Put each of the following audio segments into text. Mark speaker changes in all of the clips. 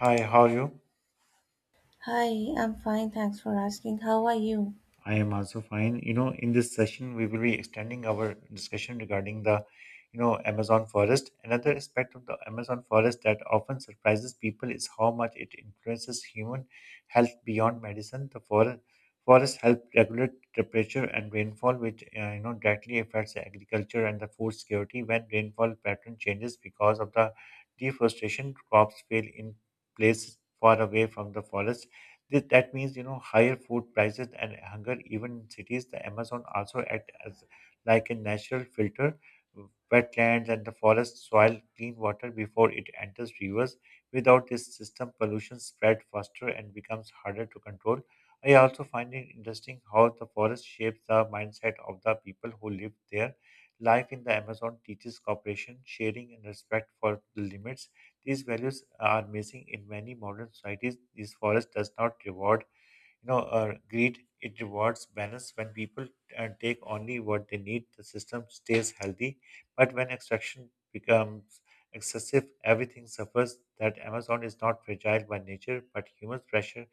Speaker 1: Hi, how are you?
Speaker 2: Hi, I'm fine. Thanks for asking. How are you?
Speaker 1: I am also fine. In this session, we will be extending our discussion regarding Amazon forest. Another aspect of the Amazon forest that often surprises people is how much it influences human health beyond medicine. The forests help regulate temperature and rainfall, which directly affects agriculture and the food security. When rainfall pattern changes because of the deforestation, crops fail in places far away from the forest. That means, higher food prices and hunger, even in cities. The Amazon also act as like a natural filter. Wetlands and the forest soil clean water before it enters rivers. Without this system, pollution spread faster and becomes harder to control. I also find it interesting how the forest shapes the mindset of the people who live there. Life in the Amazon teaches cooperation, sharing, and respect for the limits. These values are missing in many modern societies. This forest does not reward, greed. It rewards balance. When people take only what they need, the system stays healthy. But when extraction becomes excessive, everything suffers. That Amazon is not fragile by nature, but human pressure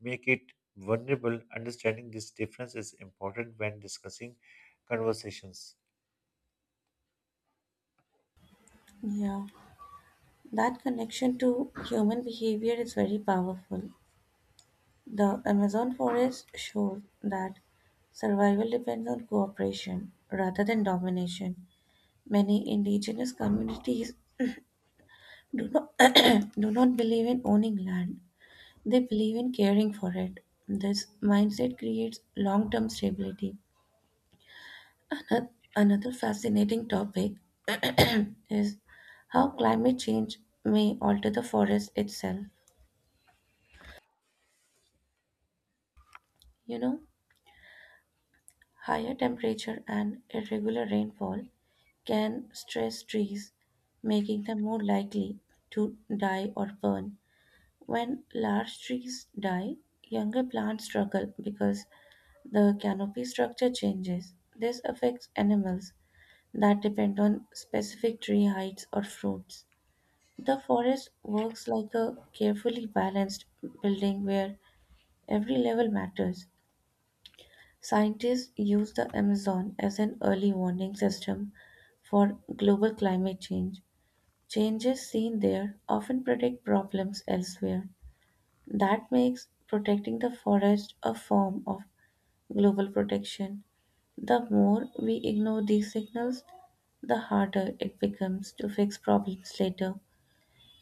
Speaker 1: make it vulnerable. Understanding this difference is important when discussing conversations.
Speaker 2: Yeah, that connection to human behavior is very powerful. The Amazon forest shows that survival depends on cooperation rather than domination. Many indigenous communities do not do not believe in owning land. They believe in caring for it. This mindset creates long-term stability. Ano- Another fascinating topic is how climate change may alter the forest itself. You know, Higher temperature and irregular rainfall can stress trees, making them more likely to die or burn. When large trees die, younger plants struggle because the canopy structure changes. This affects animals that depend on specific tree heights or fruits. The forest works like a carefully balanced building where every level matters. Scientists use the Amazon as an early warning system for global climate change. Changes seen there often predict problems elsewhere. That makes protecting the forest a form of global protection. The more we ignore these signals, the harder it becomes to fix problems later.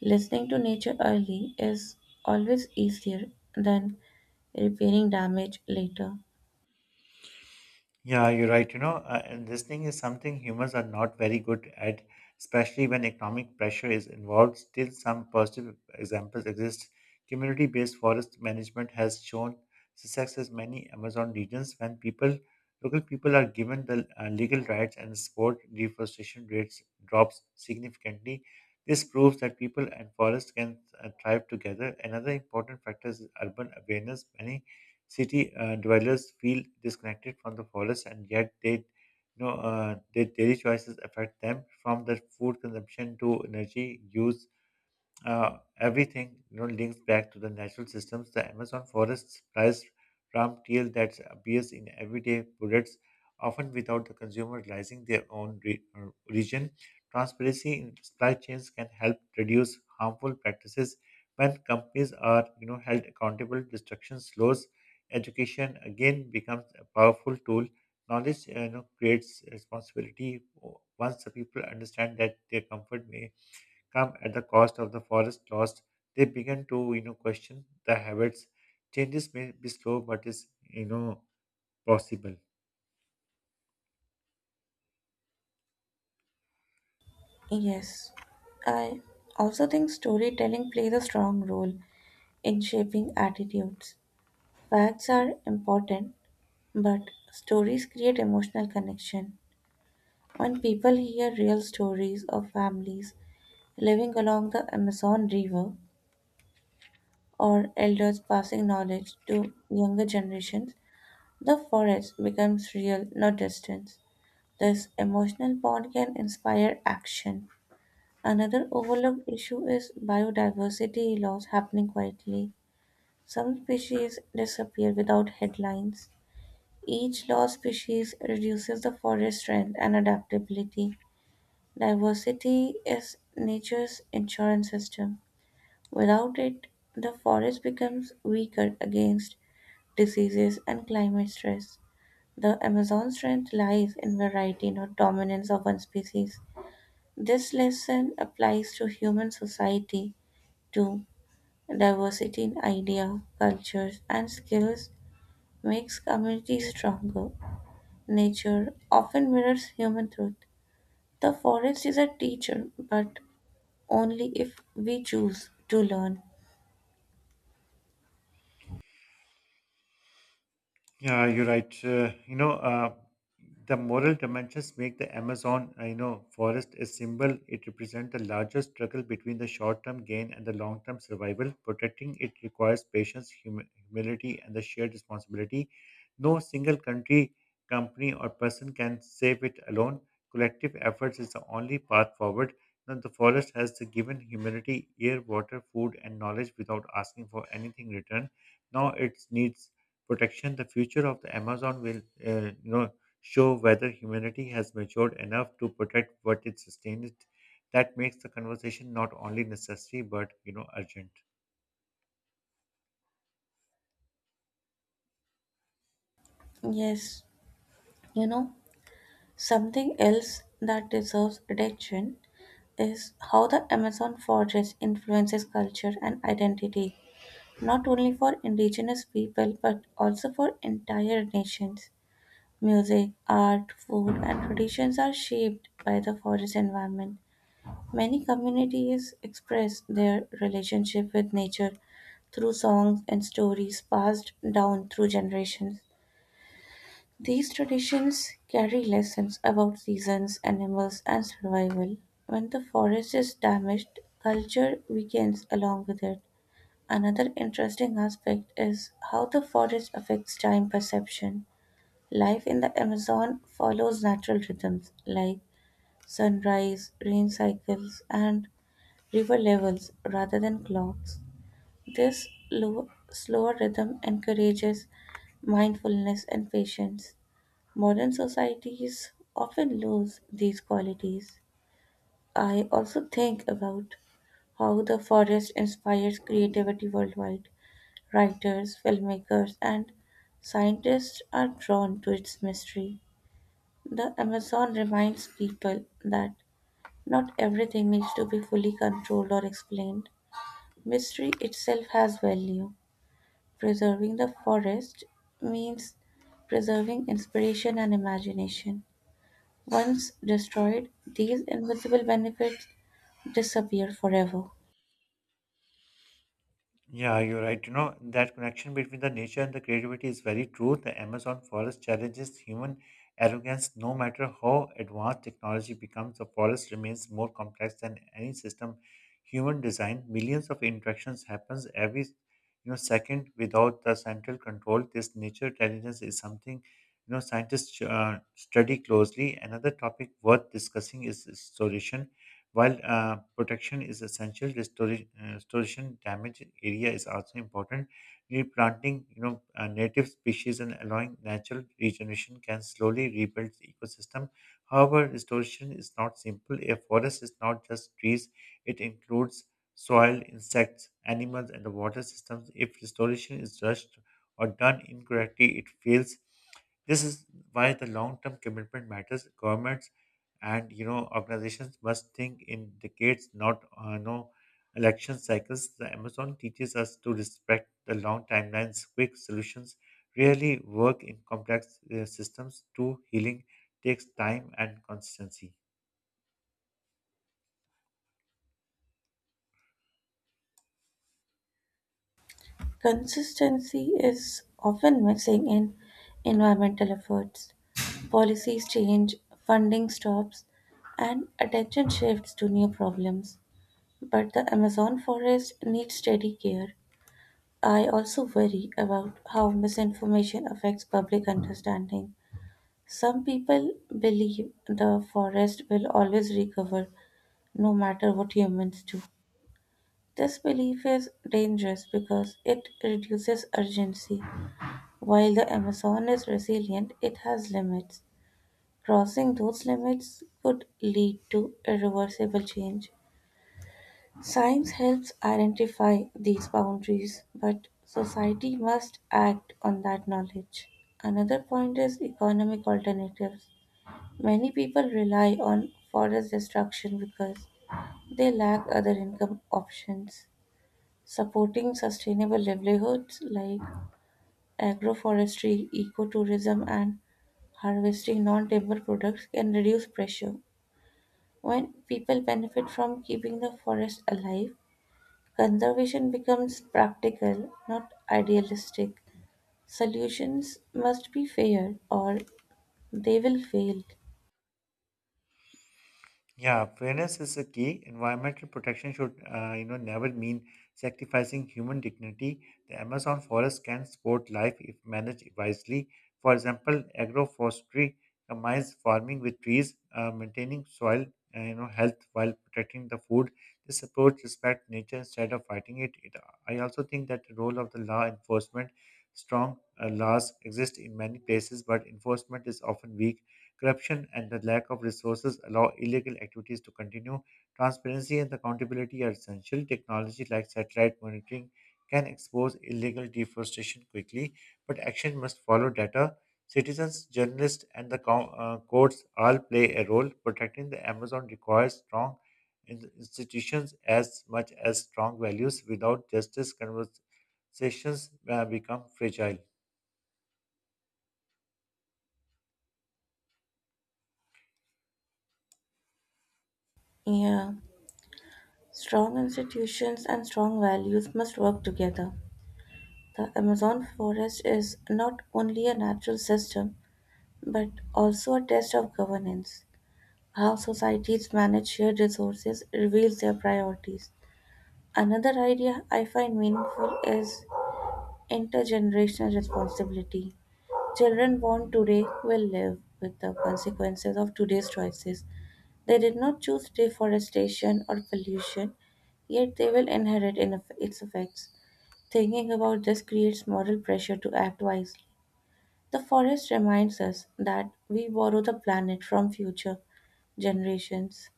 Speaker 2: Listening to nature early is always easier than repairing damage later.
Speaker 1: Yeah, you're right. And listening is something humans are not very good at, especially when economic pressure is involved. Still, some positive examples exist. Community based forest management has shown success in many Amazon regions when people, local people are given the legal rights and support, deforestation rates drops significantly. This proves that people and forests can thrive together. Another important factor is urban awareness. Many City dwellers feel disconnected from the forest, and yet their daily choices affect them, from their food consumption to energy use, everything links back to the natural systems. The Amazon forest supplies ram teal that appears in everyday products, often without the consumer realizing their own region. Transparency in supply chains can help reduce harmful practices. When companies are held accountable, destruction slows. Education again becomes a powerful tool. Knowledge creates responsibility. Once the people understand that their comfort may come at the cost of the forest lost, they began to question the habits. Changes may be slow, but is possible.
Speaker 2: Yes, I also think storytelling plays a strong role in shaping attitudes. Facts are important, but stories create emotional connection. When people hear real stories of families living along the Amazon River or elders passing knowledge to younger generations, the forest becomes real, not distant. This emotional bond can inspire action. Another overlooked issue is biodiversity loss happening quietly. Some species disappear without headlines. Each lost species reduces the forest strength and adaptability. Diversity is nature's insurance system. Without it, the forest becomes weaker against diseases and climate stress. The Amazon strength lies in variety, not dominance of one species. This lesson applies to human society too. Diversity in idea, cultures, and skills makes communities stronger. Nature often mirrors human truth. The forest is a teacher, but only if we choose to learn.
Speaker 1: Yeah, you're right. The moral dimensions make the Amazon, forest a symbol. It represents the larger struggle between the short-term gain and the long-term survival. Protecting it requires patience, humility, and the shared responsibility. No single country, company, or person can save it alone. Collective efforts is the only path forward. Now, the forest has given humanity air, water, food, and knowledge without asking for anything in return. Now it needs protection. The future of the Amazon will, uh, you know, show whether humanity has matured enough to protect what it sustains. That makes the conversation not only necessary but, urgent.
Speaker 2: Yes, you know, something else that deserves attention is how the Amazon forest influences culture and identity, not only for indigenous people but also for entire nations. Music, art, food, and traditions are shaped by the forest environment. Many communities express their relationship with nature through songs and stories passed down through generations. These traditions carry lessons about seasons, animals, and survival. When the forest is damaged, culture weakens along with it. Another interesting aspect is how the forest affects time perception. Life in the Amazon follows natural rhythms like sunrise, rain cycles, and river levels rather than clocks. This low, slower rhythm encourages mindfulness and patience. Modern societies often lose these qualities. I also think about how the forest inspires creativity worldwide. Writers, filmmakers, and scientists are drawn to its mystery. The Amazon reminds people that not everything needs to be fully controlled or explained. Mystery itself has value. Preserving the forest means preserving inspiration and imagination. Once destroyed, these invisible benefits disappear forever.
Speaker 1: Yeah, you're right. That connection between the nature and the creativity is very true. The Amazon forest challenges human arrogance. No matter how advanced technology becomes, the forest remains more complex than any system human design. Millions of interactions happens every second without the central control. This nature intelligence is something scientists study closely. Another topic worth discussing is solution, while protection is essential, restoration damage area is also important. Replanting, native species and allowing natural regeneration can slowly rebuild the ecosystem. However, restoration is not simple. A forest is not just trees; it includes soil, insects, animals, and the water systems. If restoration is rushed or done incorrectly, it fails. This is why the long-term commitment matters. Governments and organizations must think in decades, not no election cycles. The Amazon teaches us to respect the long timelines. Quick solutions rarely work in complex systems. True healing takes time and consistency.
Speaker 2: Consistency is often missing in environmental efforts. Policies change, funding stops, and attention shifts to new problems. But the Amazon forest needs steady care. I also worry about how misinformation affects public understanding. Some people believe the forest will always recover no matter what humans do. This belief is dangerous because it reduces urgency. While the Amazon is resilient, it has limits. Crossing those limits could lead to irreversible change. Science helps identify these boundaries, but society must act on that knowledge. Another point is economic alternatives. Many people rely on forest destruction because they lack other income options. Supporting sustainable livelihoods like agroforestry, ecotourism and harvesting non-timber products can reduce pressure. When people benefit from keeping the forest alive, conservation becomes practical, not idealistic. Solutions must be fair or they will fail.
Speaker 1: Yeah, fairness is a key. Environmental protection should, never mean sacrificing human dignity. The Amazon forest can support life if managed wisely. For example, agroforestry combines farming with trees, maintaining soil, health while protecting the food. This approach respects nature instead of fighting it. I also think that the role of the law enforcement, strong laws exist in many places, but enforcement is often weak. Corruption and the lack of resources allow illegal activities to continue. Transparency and accountability are essential. Technology like satellite monitoring can expose illegal deforestation quickly, but action must follow data. Citizens, journalists, and the courts all play a role. Protecting the Amazon requires strong institutions as much as strong values. Without justice, conversations become fragile.
Speaker 2: Yeah. Strong institutions and strong values must work together. The Amazon forest is not only a natural system but also a test of governance. How societies manage shared resources reveals their priorities. Another idea I find meaningful is intergenerational responsibility. Children born today will live with the consequences of today's choices. They did not choose deforestation or pollution, yet they will inherit in its effects. Thinking about this creates moral pressure to act wisely. The forest reminds us that we borrow the planet from future generations.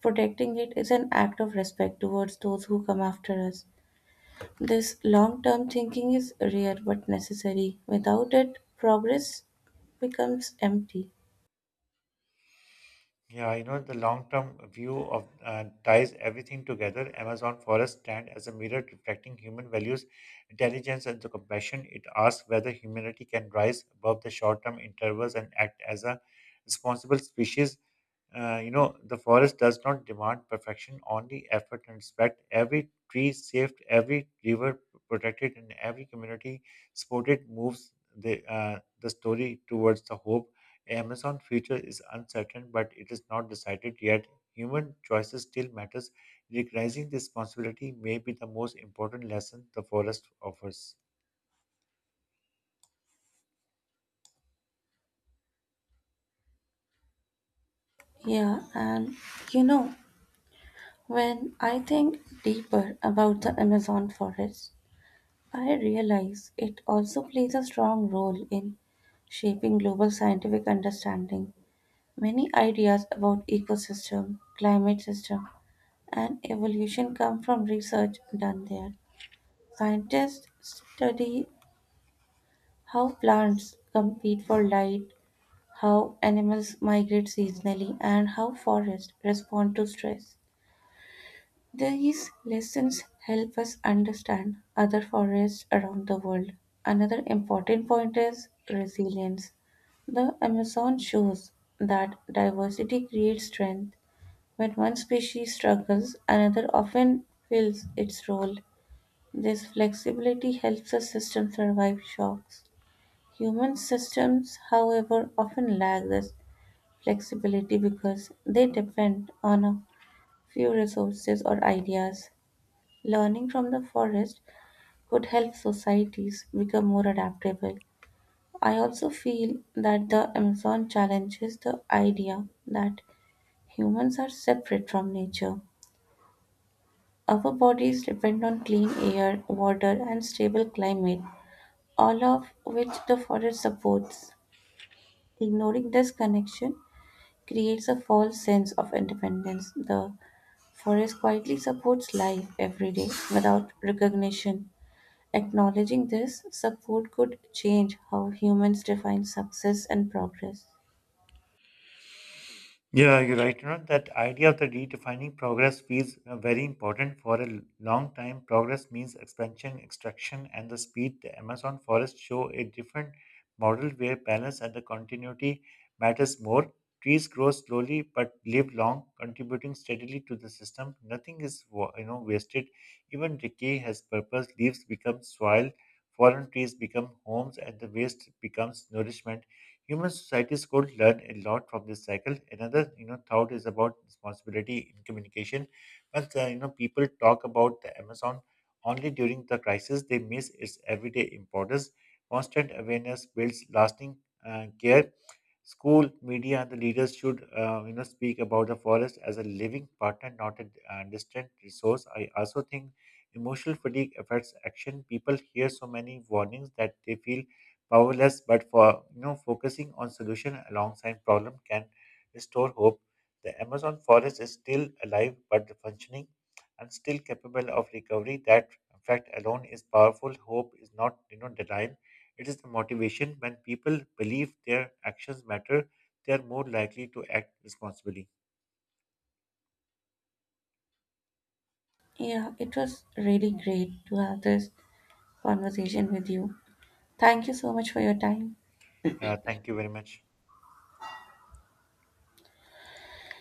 Speaker 2: Protecting it is an act of respect towards those who come after us. This long term thinking is rare but necessary. Without it, progress becomes empty.
Speaker 1: Yeah, the long-term view of ties everything together. Amazon forests stand as a mirror reflecting human values, intelligence, and the compassion. It asks whether humanity can rise above the short-term intervals and act as a responsible species. The forest does not demand perfection, only effort and respect. Every tree saved, every river protected, and every community supported moves the story towards the hope. Amazon future is uncertain, but it is not decided yet. Human choices still matters. Recognizing this responsibility may be the most important lesson the forest offers.
Speaker 2: Yeah, and you know, when I think deeper about the Amazon forest, I realize it also plays a strong role in shaping global scientific understanding. Many ideas about ecosystem, climate system, and evolution come from research done there. Scientists study how plants compete for light, how animals migrate seasonally, and how forests respond to stress. These lessons help us understand other forests around the world. Another important point is resilience. The Amazon shows that diversity creates strength. When one species struggles, another often fills its role. This flexibility helps the system survive shocks. Human systems, however, often lack this flexibility because they depend on a few resources or ideas. Learning from the forest could help societies become more adaptable. I also feel that the Amazon challenges the idea that humans are separate from nature. Our bodies depend on clean air, water, and stable climate, all of which the forest supports. Ignoring this connection creates a false sense of independence. The forest quietly supports life every day without recognition. Acknowledging this support could change how humans define success and progress.
Speaker 1: Yeah, you're right. That idea of the redefining progress feels very important for a long time. Progress means expansion, extraction, and the speed. The Amazon forest show a different model where balance and the continuity matters more. Trees grow slowly but live long, contributing steadily to the system. Nothing is wasted. Even decay has purpose. Leaves become soil, fallen trees become homes, and the waste becomes nourishment. Human societies could learn a lot from this cycle. Another, thought is about responsibility in communication. But people talk about the Amazon only during the crisis; they miss its everyday importance. Constant awareness builds lasting care. School, media, and the leaders should, speak about the forest as a living partner, not a distant resource. I also think emotional fatigue affects action. People hear so many warnings that they feel powerless, but for focusing on solution alongside problem can restore hope. The Amazon forest is still alive but functioning and still capable of recovery. That fact alone is powerful. Hope is not denial. It is the motivation when people believe their actions matter, they are more likely to act responsibly.
Speaker 2: Yeah, it was really great to have this conversation with you. Thank you so much for your time.
Speaker 1: Yeah, thank you very much.